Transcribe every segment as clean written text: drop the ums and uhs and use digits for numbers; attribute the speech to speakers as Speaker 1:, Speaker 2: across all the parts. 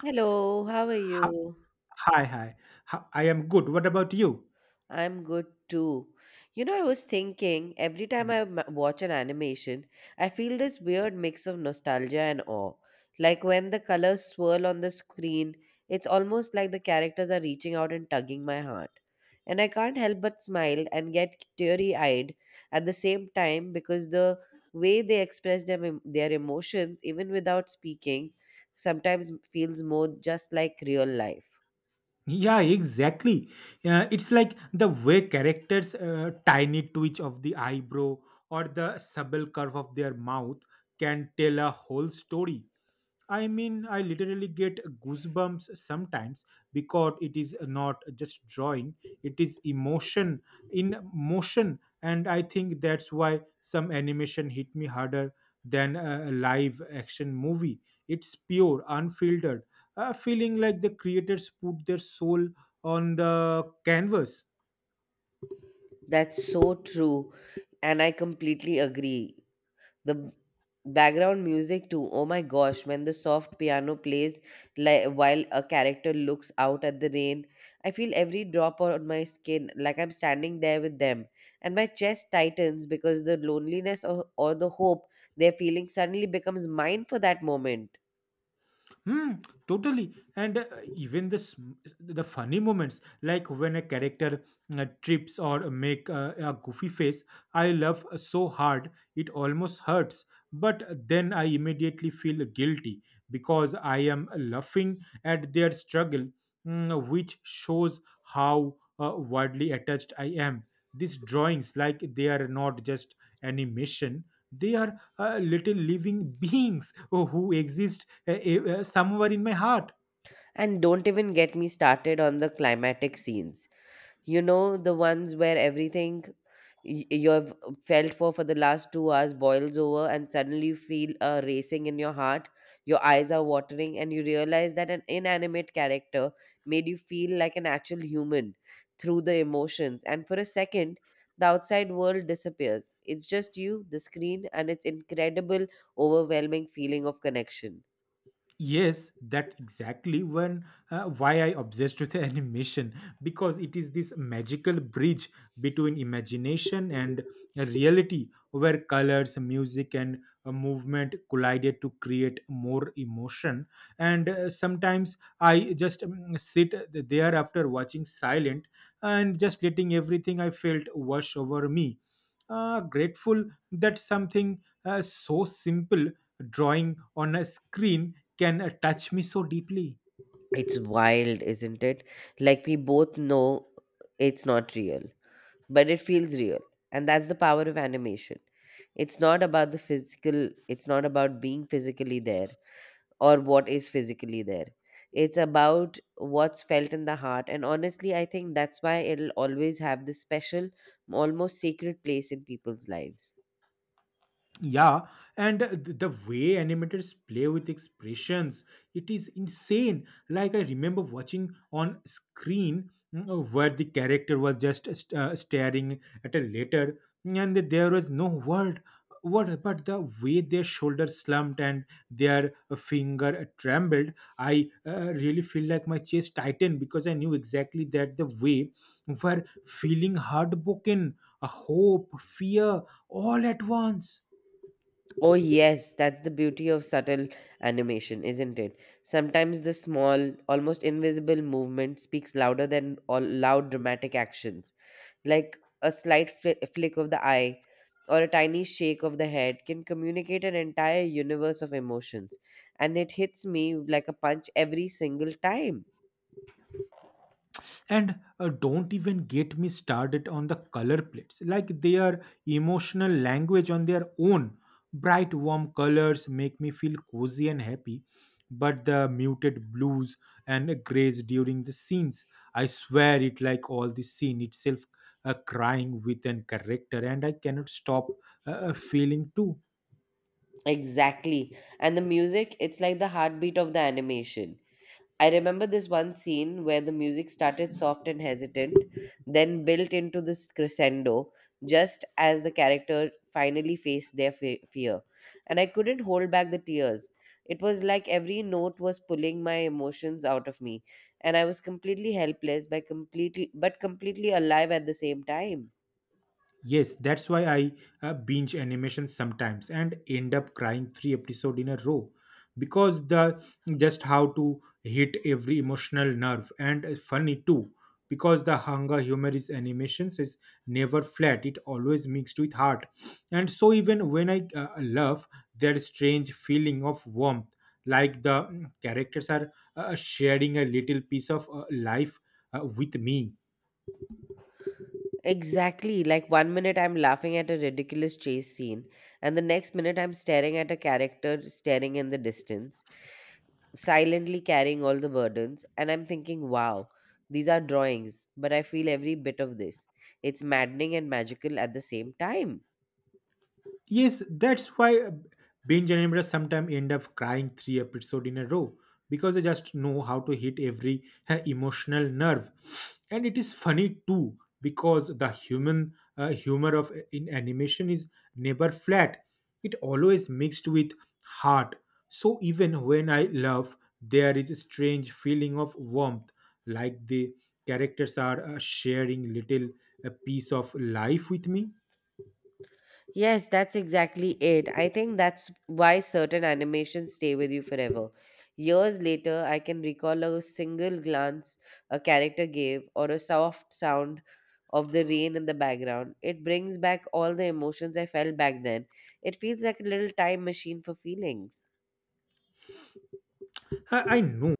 Speaker 1: Hello, how are
Speaker 2: Hi,
Speaker 1: you?
Speaker 2: hi, hi. hi. I am good. What about you?
Speaker 1: I'm good too. You know, I was thinking every time
Speaker 2: Hmm.
Speaker 1: I watch an animation, I feel this weird mix of nostalgia and awe. Like when the colors swirl on the screen, it's almost like the characters are reaching out and tugging my heart. And I can't help but smile and get teary eyed at the same time because the way they express them, their emotions, even without speaking, sometimes feels more just like real life.
Speaker 2: Yeah, exactly. It's like the way characters' tiny twitch of the eyebrow or the subtle curve of their mouth can tell a whole story. I mean, I literally get goosebumps sometimes because it is not just drawing, it is emotion in motion. And I think that's why some animation hit me harder than a live action movie. It's pure, unfiltered, feeling like the creators put their soul on the canvas.
Speaker 1: That's so true. And I completely agree. The background music, too. Oh my gosh, when the soft piano plays while a character looks out at the rain, I feel every drop on my skin like I'm standing there with them. And my chest tightens because the loneliness or the hope they're feeling suddenly becomes mine for that moment.
Speaker 2: Hmm, totally. And Even the the funny moments, like when a character trips or make a goofy face, I laugh so hard it almost hurts. But then I immediately feel guilty because I am laughing at their struggle, which shows how widely attached I am. These drawings, like they are not just animation; they are little living beings who exist eh, somewhere in my heart.
Speaker 1: And don't even get me started on the climatic scenes, you know, the ones where everything you have felt for the last 2 hours boils over, and suddenly you feel a racing in your heart, your eyes are watering, and you realize that an inanimate character made you feel like an actual human through the emotions. And for a second, the outside world disappears. It's just you, the screen, and its incredible overwhelming feeling of connection.
Speaker 2: Yes, that exactly when why I obsessed with animation because it is this magical bridge between imagination and reality where colors, music, and movement collided to create more emotion. And Sometimes I just sit there after watching silent and just letting everything I felt wash over me. Grateful that something so simple, drawing on a screen can touch me so deeply.
Speaker 1: It's wild, isn't it? Like we both know it's not real, but it feels real. And that's the power of animation. It's not about the physical, it's not about being physically there or what is physically there. It's about what's felt in the heart. And honestly, I think that's why it'll always have this special, almost sacred place in people's lives.
Speaker 2: Yeah, and the way animators play with expressions, it is insane. Like I remember watching on screen where the character was just staring at a letter, and there was no word. What but the way their shoulder slumped and their finger trembled, I really feel like my chest tightened because I knew exactly that the way were feeling heartbroken, a hope, fear, all at once.
Speaker 1: Oh, yes, that's the beauty of subtle animation, isn't it? Sometimes the small, almost invisible movement speaks louder than all loud dramatic actions. Like a slight flick of the eye or a tiny shake of the head can communicate an entire universe of emotions, and it hits me like a punch every single time.
Speaker 2: And Don't even get me started on the color plates, like their emotional language on their own. Bright, warm colors make me feel cozy and happy, but the muted blues and grays during the scenes, I swear it like all the scene itself crying with an character, and I cannot stop feeling too.
Speaker 1: Exactly. And the music, it's like the heartbeat of the animation. I remember this one scene where the music started soft and hesitant, then built into this crescendo just as the character finally faced their fear. And I couldn't hold back the tears. It was like every note was pulling my emotions out of me, and I was completely helpless by completely but completely alive at the same time.
Speaker 2: Yes, that's why I binge animations sometimes and end up crying three episodes in a row because the just how to hit every emotional nerve and funny too because the hunger humor is animations is never flat, it always mixed with heart, and so even when I love that strange feeling of warmth like the characters are sharing a little piece of life with me.
Speaker 1: Exactly. Like one minute I'm laughing at a ridiculous chase scene, and the next minute I'm staring at a character staring in the distance, silently carrying all the burdens, and I'm thinking, wow, these are drawings, but I feel every bit of this. It's maddening and magical at the same time.
Speaker 2: Yes, that's why binge animators sometimes end up crying three episodes in a row because they just know how to hit every emotional nerve. And it is funny too because the human humor of in animation is never flat. It always mixed with heart. So even when I love, there is a strange feeling of warmth, like the characters are sharing little a piece of life with me.
Speaker 1: Yes, that's exactly it. I think that's why certain animations stay with you forever. Years later, I can recall a single glance a character gave or a soft sound of the rain in the background. It brings back all the emotions I felt back then. It feels like a little time machine for feelings.
Speaker 2: I know,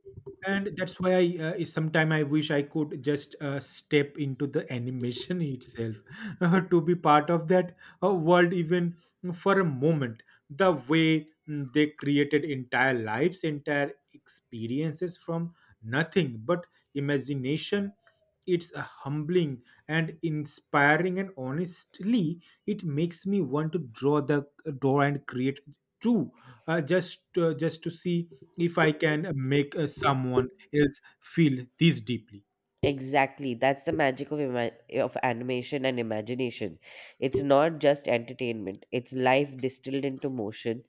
Speaker 2: and that's why I sometime I wish I could just step into the animation itself to be part of that world even for a moment. The way they created entire lives, entire experiences from nothing but imagination. It's humbling and inspiring, and honestly, it makes me want to draw and create too, just to see if I can make someone else feel this deeply.
Speaker 1: Exactly. That's the magic of animation and imagination. It's not just entertainment. It's life distilled into motion,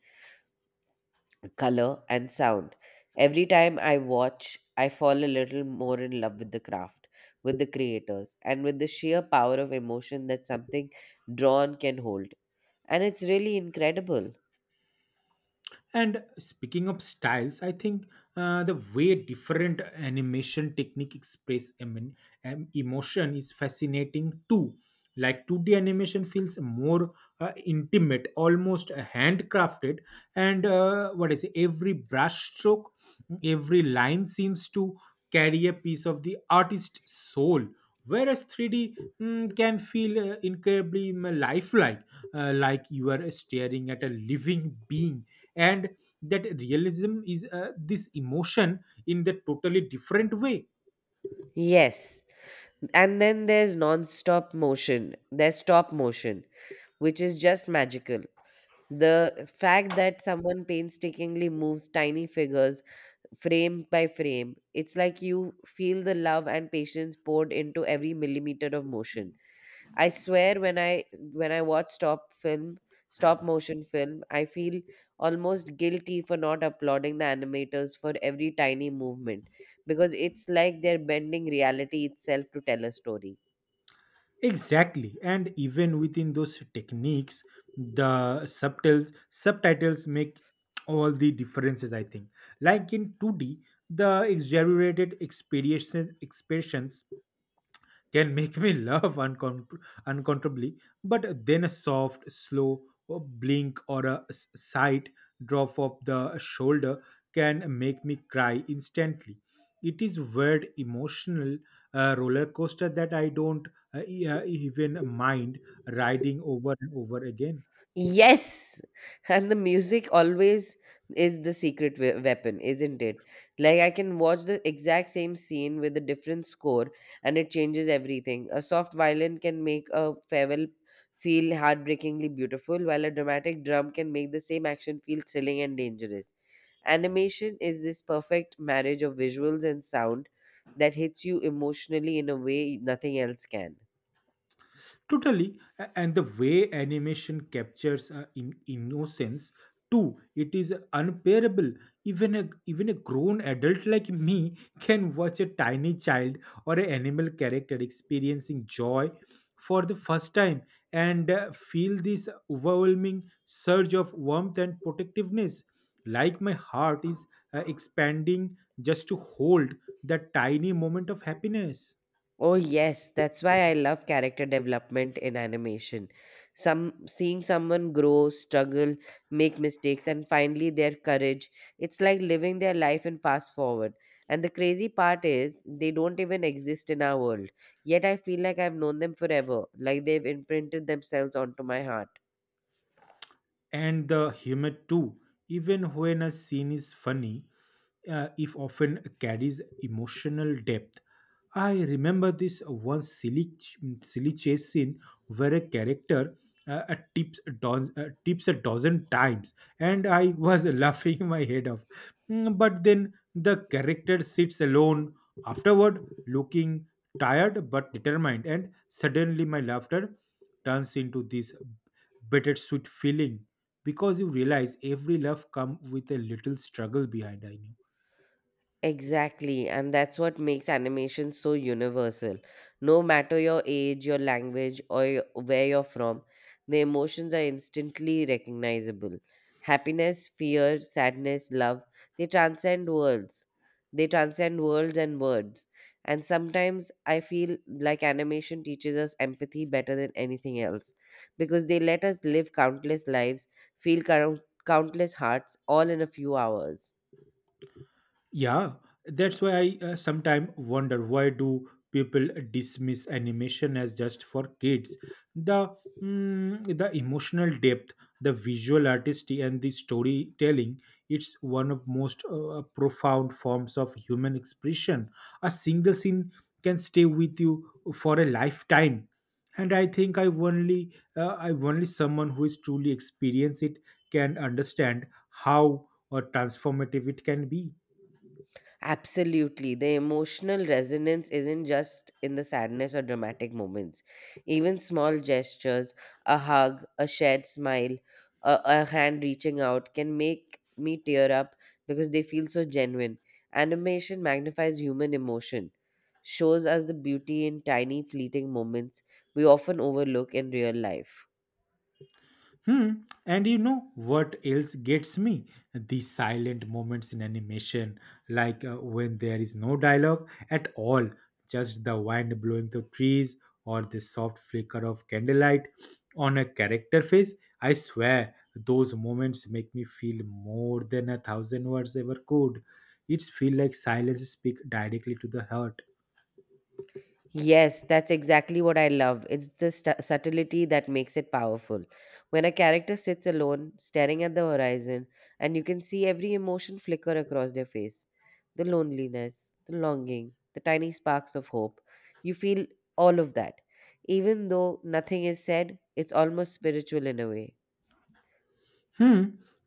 Speaker 1: color, and sound. Every time I watch, I fall a little more in love with the craft, with the creators, and with the sheer power of emotion that something drawn can hold. And it's really incredible.
Speaker 2: And speaking of styles, I think the way different animation technique express emotion is fascinating too. Like 2D animation feels more intimate, almost handcrafted, and what is it? Every brush stroke, every line seems to carry a piece of the artist's soul. Whereas 3D can feel incredibly lifelike like you are staring at a living being, and that realism is this emotion in the totally different way.
Speaker 1: Yes. And then there's non stop motion. There's stop motion, which is just magical. The fact that someone painstakingly moves tiny figures frame by frame, it's like you feel the love and patience poured into every millimeter of motion. I swear when I watch stop motion film, I feel almost guilty for not applauding the animators for every tiny movement because it's like they're bending reality itself to tell a story.
Speaker 2: Exactly, and even within those techniques the subtitles make all the differences I think, like in 2d the exaggerated experiences expressions can make me laugh uncontrollably, but then a soft, slow blink or a slight drop of the shoulder can make me cry instantly. It is weird emotional roller coaster that I don't even mind riding over and over again.
Speaker 1: Yes, and the music always is the secret weapon, isn't it? Like I can watch the exact same scene with a different score, and it changes everything. A soft violin can make a farewell feel heartbreakingly beautiful, while a dramatic drum can make the same action feel thrilling and dangerous. Animation is this perfect marriage of visuals and sound that hits you emotionally in a way nothing else can.
Speaker 2: Totally, and the way animation captures innocence too, it is unbearable. Even a Even a grown adult like me can watch a tiny child or an animal character experiencing joy for the first time and feel this overwhelming surge of warmth and protectiveness, like my heart is expanding just to hold that tiny moment of happiness.
Speaker 1: Oh, yes, that's why I love character development in animation. Some Seeing someone grow, struggle, make mistakes, and finally their courage. It's like living their life in fast forward. And the crazy part is, they don't even exist in our world. Yet I feel like I've known them forever, like they've imprinted themselves onto my heart.
Speaker 2: And the humor too, even when a scene is funny if often carries emotional depth. I remember this one silly chase scene where a character tips a dozen times, and I was laughing my head off. But then the character sits alone afterward, looking tired but determined, and suddenly my laughter turns into this bittersweet feeling because you realize every laugh comes with a little struggle behind. I know.
Speaker 1: Exactly, and that's what makes animation so universal. No matter your age, your language, or where you're from, the emotions are instantly recognizable. Happiness, fear, sadness, love, they transcend worlds. they transcend worlds and words. And sometimes I feel like animation teaches us empathy better than anything else because they let us live countless lives, feel countless hearts, all in a few hours.
Speaker 2: Yeah, that's why I sometimes wonder why do people dismiss animation as just for kids? The the emotional depth, the visual artistry, and the storytelling. It's one of most profound forms of human expression. A single scene can stay with you for a lifetime. And I think I only someone who is truly experienced it can understand how transformative it can be.
Speaker 1: Absolutely. The emotional resonance isn't just in the sadness or dramatic moments. Even small gestures, a hug, a shared smile, a hand reaching out can make me tear up because they feel so genuine. Animation magnifies human emotion, shows us the beauty in tiny, fleeting moments we often overlook in real life.
Speaker 2: Hmm. And you know what else gets me? The silent moments in animation, like when there is no dialogue at all, just the wind blowing through trees or the soft flicker of candlelight on a character face. I swear, those moments make me feel more than a thousand words ever could. It's feel like silence speak directly to the heart.
Speaker 1: Yes, that's exactly what I love. It's the subtlety that makes it powerful. When a character sits alone, staring at the horizon, and you can see every emotion flicker across their face, the loneliness, the longing, the tiny sparks of hope, you feel all of that. Even though nothing is said, it's almost spiritual in a way.
Speaker 2: Hmm.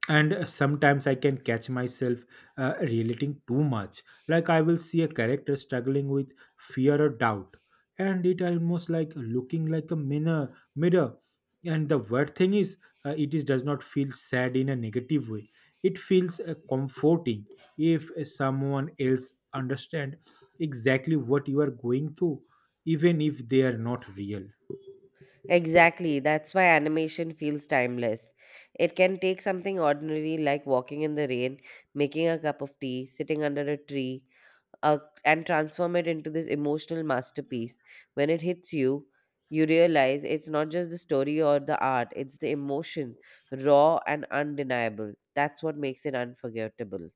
Speaker 2: And Sometimes I can catch myself relating too much. Like I will see a character struggling with fear or doubt, and it almost like looking like a mirror. Mirror. And the worst thing is, it is does not feel sad in a negative way. It feels comforting if someone else understand exactly what you are going through, even if they are not real.
Speaker 1: Exactly, that's why animation feels timeless. It can take something ordinary like walking in the rain, making a cup of tea, sitting under a tree, uh, and transform it into this emotional masterpiece. When it hits you, you realize it's not just the story or the art, it's the emotion, raw and undeniable. That's what makes it unforgettable.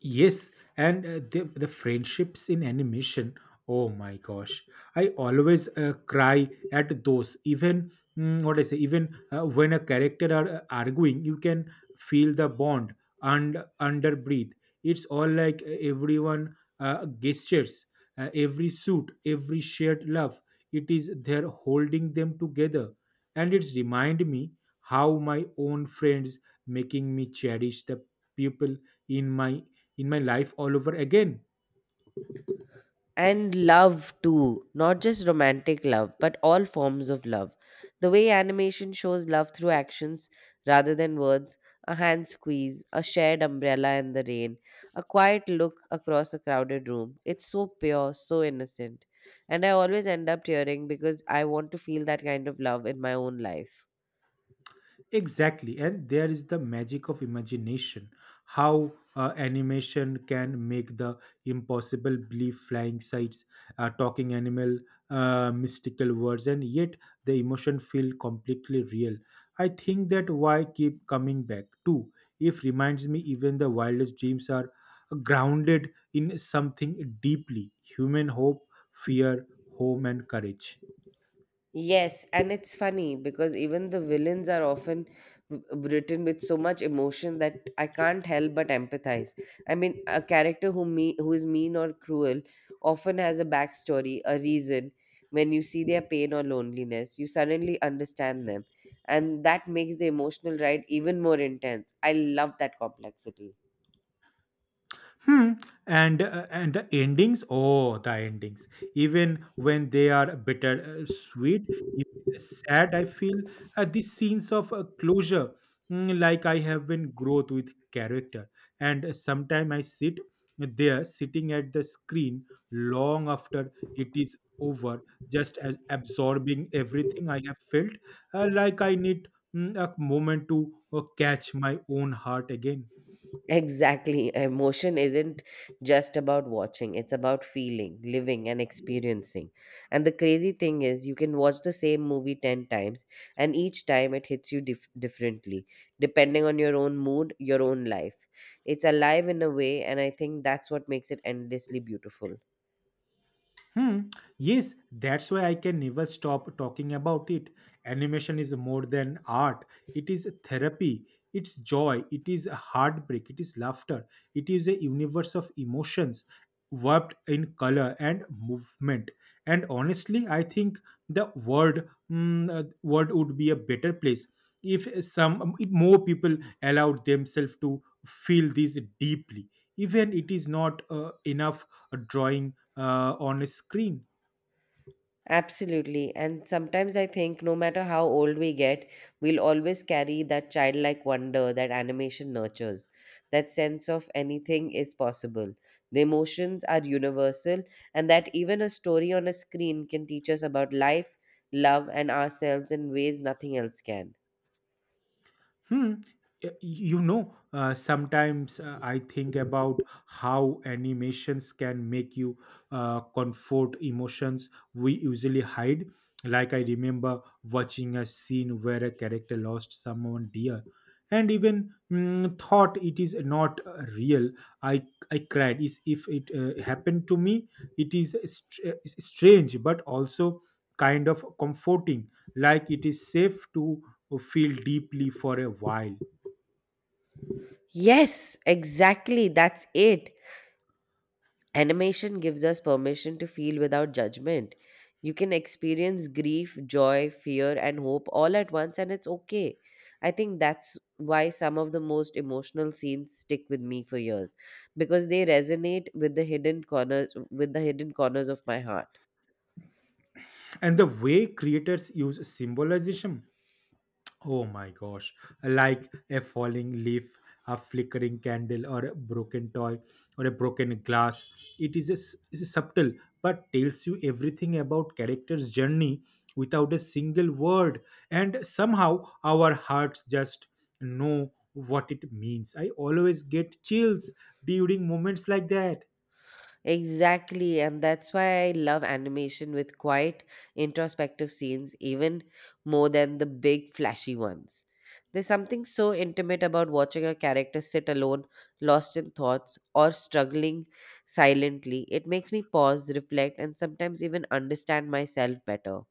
Speaker 2: Yes, and the friendships in animation. Oh my gosh, I always cry at those. Even what I say, even when a character are arguing, you can feel the bond and under breathe. It's all like everyone gestures, every suit, every shared love. It is there holding them together and it's remind me how my own friends, making me cherish the people in my in my life all over again.
Speaker 1: And love too, not just romantic love but all forms of love. The way animation shows love through actions rather than words, a hand squeeze, a shared umbrella in the rain, a quiet look across a crowded room, it's so pure, so innocent, and I always end up tearing because I want to feel that kind of love in my own life.
Speaker 2: Exactly, and there is the magic of imagination. How animation can make the impossible believe flying sights, talking animal, mystical words, and yet the emotion feel completely real. I think that why keep coming back too. If reminds me, even the wildest dreams are grounded in something deeply human hope, fear, home, and courage.
Speaker 1: Yes, and it's funny because even the villains are often written with so much emotion that I can't help but empathize. I mean, a character who is mean or cruel often has a backstory, a reason. When you see their pain or loneliness, you suddenly understand them, and that makes the emotional ride even more intense. I love that complexity.
Speaker 2: Hmm. And the endings, oh, the endings. Even when they are bitter, sweet, even sad, I feel these scenes of closure, like I have been growth with character. And Sometime I sit there, sitting at the screen long after it is over, just as absorbing everything I have felt, like I need a moment to catch my own heart again.
Speaker 1: Exactly. Emotion isn't just about watching, it's about feeling, living, and experiencing. And the crazy thing is, you can watch the same movie 10 times, and each time it hits you differently, depending on your own mood, your own life. It's alive in a way, and I think that's what makes it endlessly beautiful.
Speaker 2: Hmm. Yes, that's why I can never stop talking about it. Animation is more than art. It is therapy. It's joy. It is heartbreak. It is laughter. It is a universe of emotions warped in color and movement. And honestly, I think the world would be a better place if some if more people allowed themselves to feel this deeply. Even it is not enough a drawing on a screen.
Speaker 1: Absolutely. And sometimes I think no matter how old we get, we'll always carry that childlike wonder that animation nurtures. That sense of anything is possible. The emotions are universal, and that even a story on a screen can teach us about life, love, and ourselves in ways nothing else can.
Speaker 2: Hmm. You know, sometimes I think about how animations can make you comfort emotions we usually hide. Like I remember watching a scene where a character lost someone dear, and even thought it is not real. I I cried. Is if it happened to me, it is strange, but also kind of comforting like it is safe to feel deeply for a while.
Speaker 1: Yes, exactly. That's it. Animation gives us permission to feel without judgment. You can experience grief, joy, fear, and hope all at once, and it's okay. I think that's why some of the most emotional scenes stick with me for years because they resonate with the hidden corners with the hidden corners of my heart.
Speaker 2: And the way creators use symbolism, oh my gosh, like a falling leaf, a flickering candle, or a broken toy, or a broken glass. It is is a subtle but tells you everything about character's journey without a single word. And somehow our hearts just know what it means. I always get chills during moments like that.
Speaker 1: Exactly, and that's why I love animation with quiet, introspective scenes even more than the big, flashy ones. There's something so intimate about watching a character sit alone, lost in thoughts, or struggling silently. It makes me pause, reflect, and sometimes even understand myself better.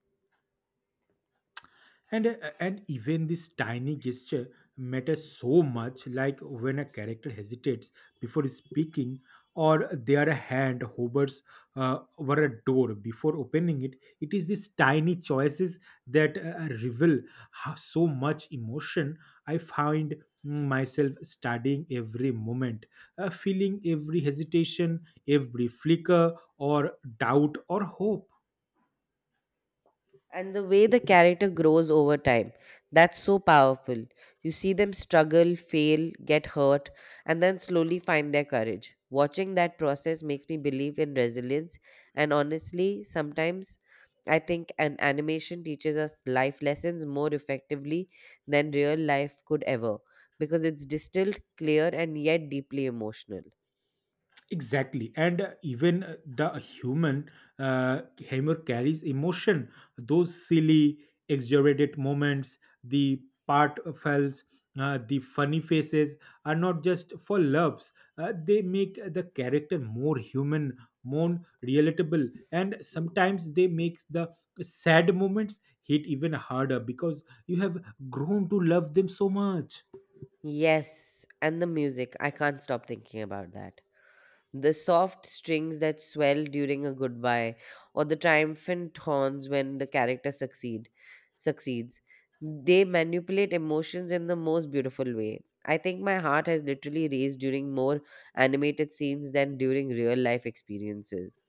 Speaker 2: And even this tiny gesture matters so much, like when a character hesitates before speaking, or their hand hovers over a door before opening it. It is these tiny choices that reveal how, so much emotion. I find myself studying every moment, feeling every hesitation, every flicker or doubt or hope.
Speaker 1: And the way the character grows over time, that's so powerful. You see them struggle, fail, get hurt, and then slowly find their courage. Watching that process makes me believe in resilience, and honestly, sometimes I think an animation teaches us life lessons more effectively than real life could ever, because it's distilled, clear, and yet deeply emotional.
Speaker 2: Exactly. And even the human humor carries emotion. Those silly exaggerated moments, the part fells, the funny faces are not just for laughs. They make the character more human, more relatable, and sometimes they make the sad moments hit even harder because you have grown to love them so much.
Speaker 1: Yes, and the music, I can't stop thinking about that. The soft strings that swell during a goodbye, or the triumphant horns when the character succeeds. They manipulate emotions in the most beautiful way. I think my heart has literally raced during more animated scenes than during real life experiences.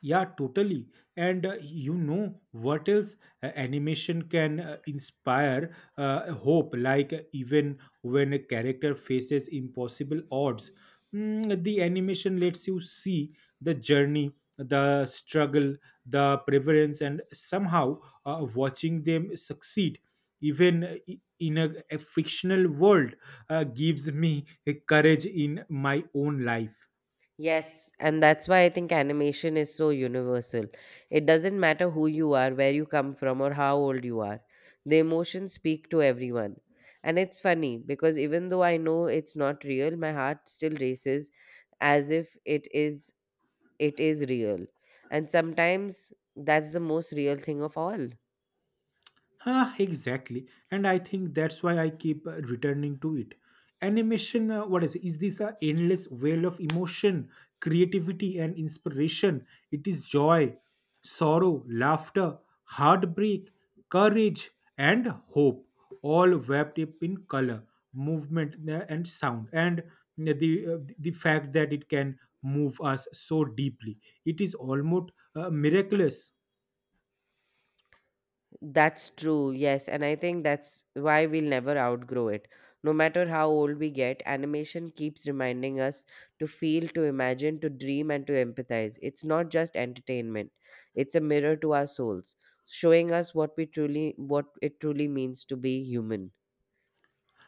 Speaker 2: Yeah, totally. And you know what else? Animation can inspire hope, like even when a character faces impossible odds. The animation lets you see the journey, the struggle, the preference, and somehow watching them succeed, even in a fictional world, gives me a courage in my own life.
Speaker 1: Yes, and that's why I think animation is so universal. It doesn't matter who you are, where you come from, or how old you are. The emotions speak to everyone. And it's funny because even though I know it's not real, my heart still races as if it is real. And sometimes that's the most real thing of all.
Speaker 2: Huh, exactly. And I think that's why I keep returning to it. Animation, what is this a endless well of emotion, creativity, and inspiration? It is joy, sorrow, laughter, heartbreak, courage, and hope, all wrapped up in color, movement, and sound. And the fact that it can move us so deeply, it is almost miraculous.
Speaker 1: That's true, yes, and I think that's why we'll never outgrow it. No matter how old we get, animation keeps reminding us to feel, to imagine, to dream, and to empathize. It's not just entertainment, it's a mirror to our souls, showing us what it truly means to be human.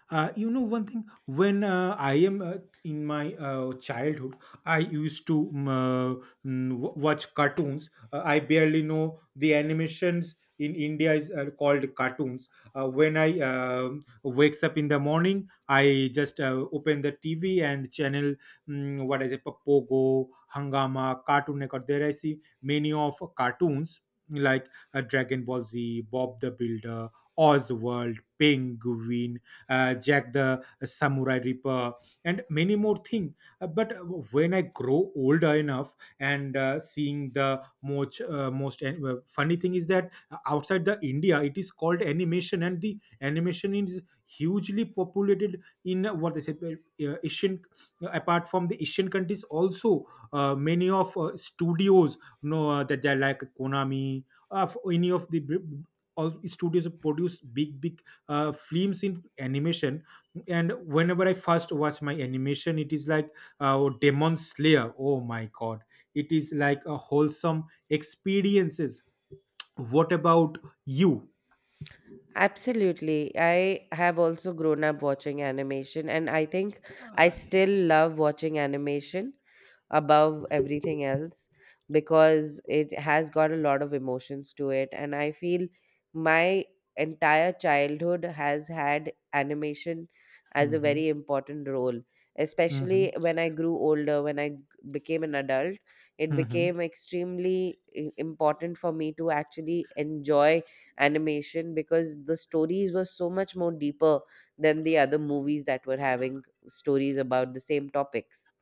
Speaker 2: You know one thing, when I am in my childhood, I used to watch cartoons. I barely know the animations in India is called cartoons. When I wakes up in the morning, I just open the TV and channel, what is it, Pogo, Hangama, Cartoon Network. There I see many of cartoons, like Dragon Ball Z, Bob the Builder, Oswald, Penguin, Jack the Samurai Reaper, and many more things. But when I grow older enough and seeing the most, most funny thing is that outside the India, it is called animation, and the animation is hugely populated in what they said, Asian. Apart from the Asian countries, also many of studios, you know, that they are like Konami, of any of the br- all studios produce big big films in animation. And whenever I first watch my animation, it is like Demon Slayer. Oh my god, it is like a wholesome experiences. What about you?
Speaker 1: Absolutely. I have also grown up watching animation, and I think I
Speaker 2: अरे
Speaker 1: still
Speaker 2: वो.
Speaker 1: love watching animation above everything else because it has got a lot of emotions to it, and I feel my entire childhood has had animation as a
Speaker 2: Hmm.
Speaker 1: very important role,
Speaker 2: Hmm.
Speaker 1: especially when I grew older, when I became an adult. It
Speaker 2: Hmm.
Speaker 1: became extremely important for me to actually enjoy animation because the stories were so much more deeper than the other movies that were having stories about the same topics.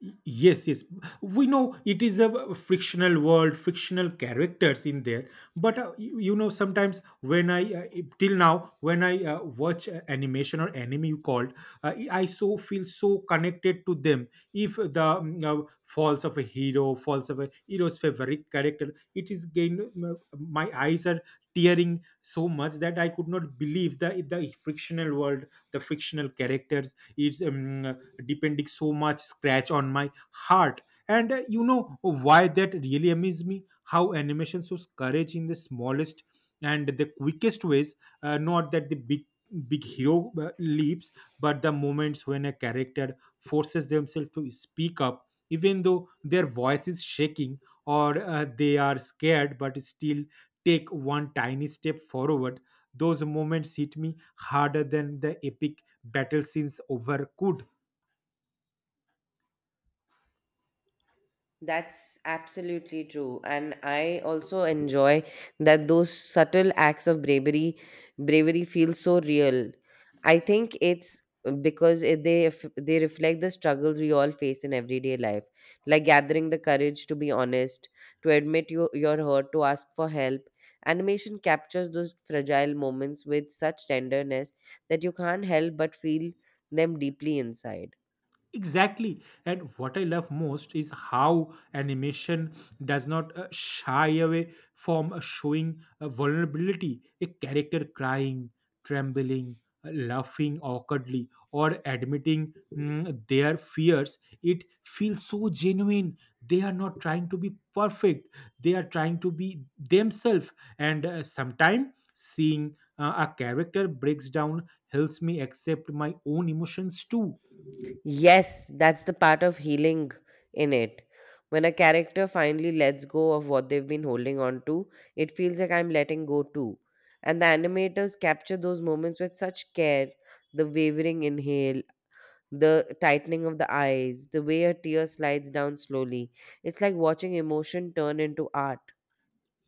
Speaker 2: Yes, yes, we know it is a frictional world, frictional characters in there. But you know, sometimes when I till now, when I watch animation or anime, you called, I so feel so connected to them. If the falls of a hero, falls of a hero's favorite character, it is gain. My eyes are tearing so much that I could not believe the frictional world, the frictional characters. It's depending so much scratch on my heart. And you know why that really amazes me, how animation shows courage in the smallest and the quickest ways. Not that the big big hero leaps, but the moments when a character forces themselves to speak up even though their voice is shaking, or they are scared but still take one tiny step forward. Those moments hit me harder than the epic battle scenes over could.
Speaker 1: That's absolutely true. And I also enjoy that those subtle acts of bravery feel so real. I think it's because it, they they reflect the struggles we all face in everyday life, like gathering the courage to be honest, to admit you, your hurt, to ask for help. Animation captures those fragile moments with such tenderness that you can't help but feel them deeply inside.
Speaker 2: Exactly. And what I love most is how animation does not shy away from showing vulnerability. A character crying, trembling, laughing awkwardly, or admitting their fears. It feels so genuine. They are not trying to be perfect, they are trying to be themselves. And sometimes seeing a character breaks down helps me accept my own emotions too.
Speaker 1: Yes, that's the part of healing in it. When a character finally lets go of what they've been holding on to, it feels like I'm letting go too. And the animators capture those moments with such care, the wavering inhale, the tightening of the eyes, the way a tear slides down slowly. It's like watching emotion turn into art.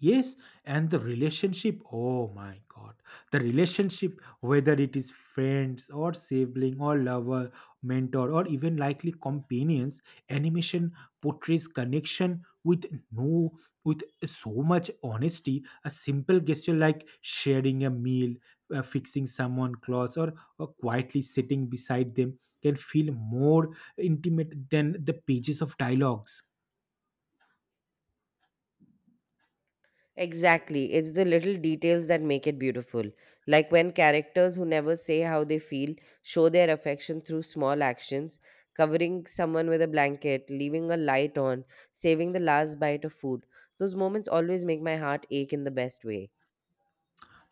Speaker 2: Yes, and the relationship, oh my god, the relationship, whether it is friends or sibling or lover, mentor, or even likely companions, animation portrays connection with no, with so much honesty. A simple gesture like sharing a meal, fixing someone clothes, or quietly sitting beside them can feel more intimate than the pages of dialogues.
Speaker 1: Exactly. It's the little details that make it beautiful. Like when characters who never say how they feel show their affection through small actions, covering someone with a blanket, leaving a light on, saving the last bite of food. Those moments always make my heart ache in the best way.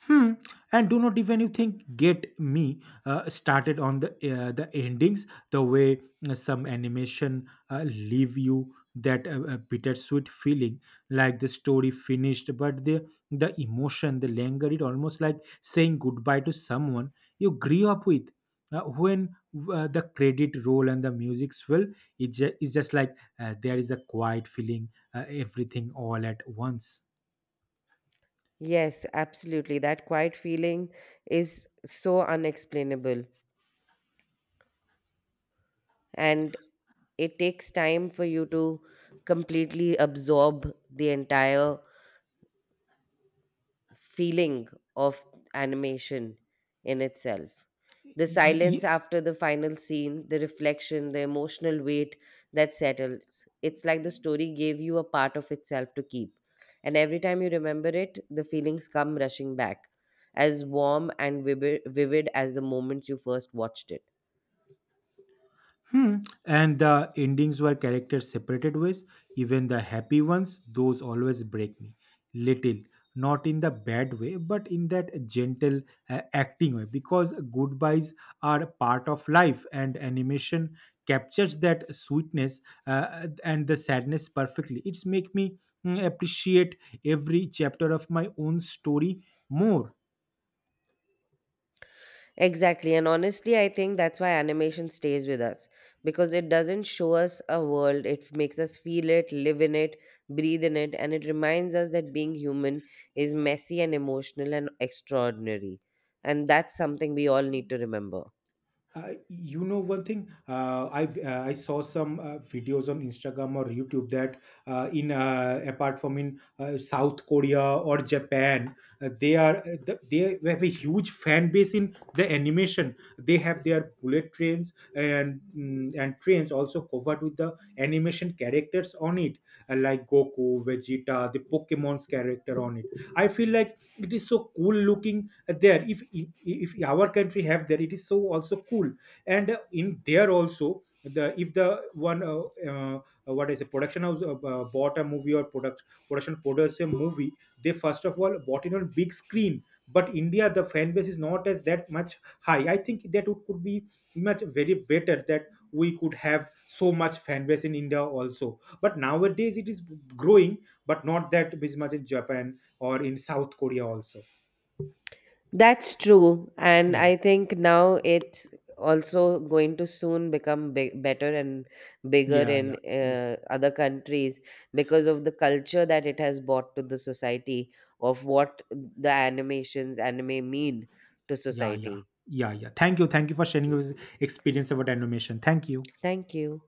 Speaker 2: Hmm. And do not even you think get me started on the, the endings, the way some animation leave you that bittersweet feeling, like the story finished, but the emotion, the linger, it almost like saying goodbye to someone you grew up with. When the credit roll and the music swell, it's just like there is a quiet feeling, everything all at once.
Speaker 1: Yes, absolutely. That quiet feeling is so unexplainable. And it takes time for you to completely absorb the entire feeling of animation in itself. The silence after the final scene, the reflection, the emotional weight that settles. It's like the story gave you a part of itself to keep. And every time you remember it, the feelings come rushing back, as warm and vivid as the moments you first watched it.
Speaker 2: Hmm. And the endings were characters separated ways. Even the happy ones, those always break me. Little, not in the bad way, but in that gentle acting way. Because goodbyes are part of life, and animation captures that sweetness and the sadness perfectly. It's make me appreciate every chapter of my own story more.
Speaker 1: Exactly. And honestly, I think that's why animation stays with us because it doesn't show us a world. It makes us feel it, live in it, breathe in it. And it reminds us that being human is messy and emotional and extraordinary. And that's something we all need to remember.
Speaker 2: You know one thing, I saw some videos on Instagram or YouTube that in apart from in South Korea or Japan, they have a huge fan base in the animation. They have their bullet trains and and trains also covered with the animation characters on it, like Goku, Vegeta, the Pokemon's character on it. I feel like it is so cool looking there. If our country have there, it is so also cool. And in there also, the, if the one uh, what is a production house, bought a movie or product, production produced a movie, they first of all bought it on big screen. But India, the fan base is not as that much high. I think that it could be much very better, that we could have so much fan base in India also. But nowadays it is growing, but not that much in Japan or in South Korea also.
Speaker 1: That's true. And
Speaker 2: Yeah.
Speaker 1: I think now it's also going to soon become big, better and bigger
Speaker 2: Yeah, yeah.
Speaker 1: in
Speaker 2: Yes.
Speaker 1: other countries because of the culture that it has brought to the society of what the animations, anime mean to
Speaker 2: Yeah, yeah.
Speaker 1: society.
Speaker 2: Yeah, yeah. Thank you. Thank you for sharing your experience about animation. Thank you.
Speaker 1: Thank you.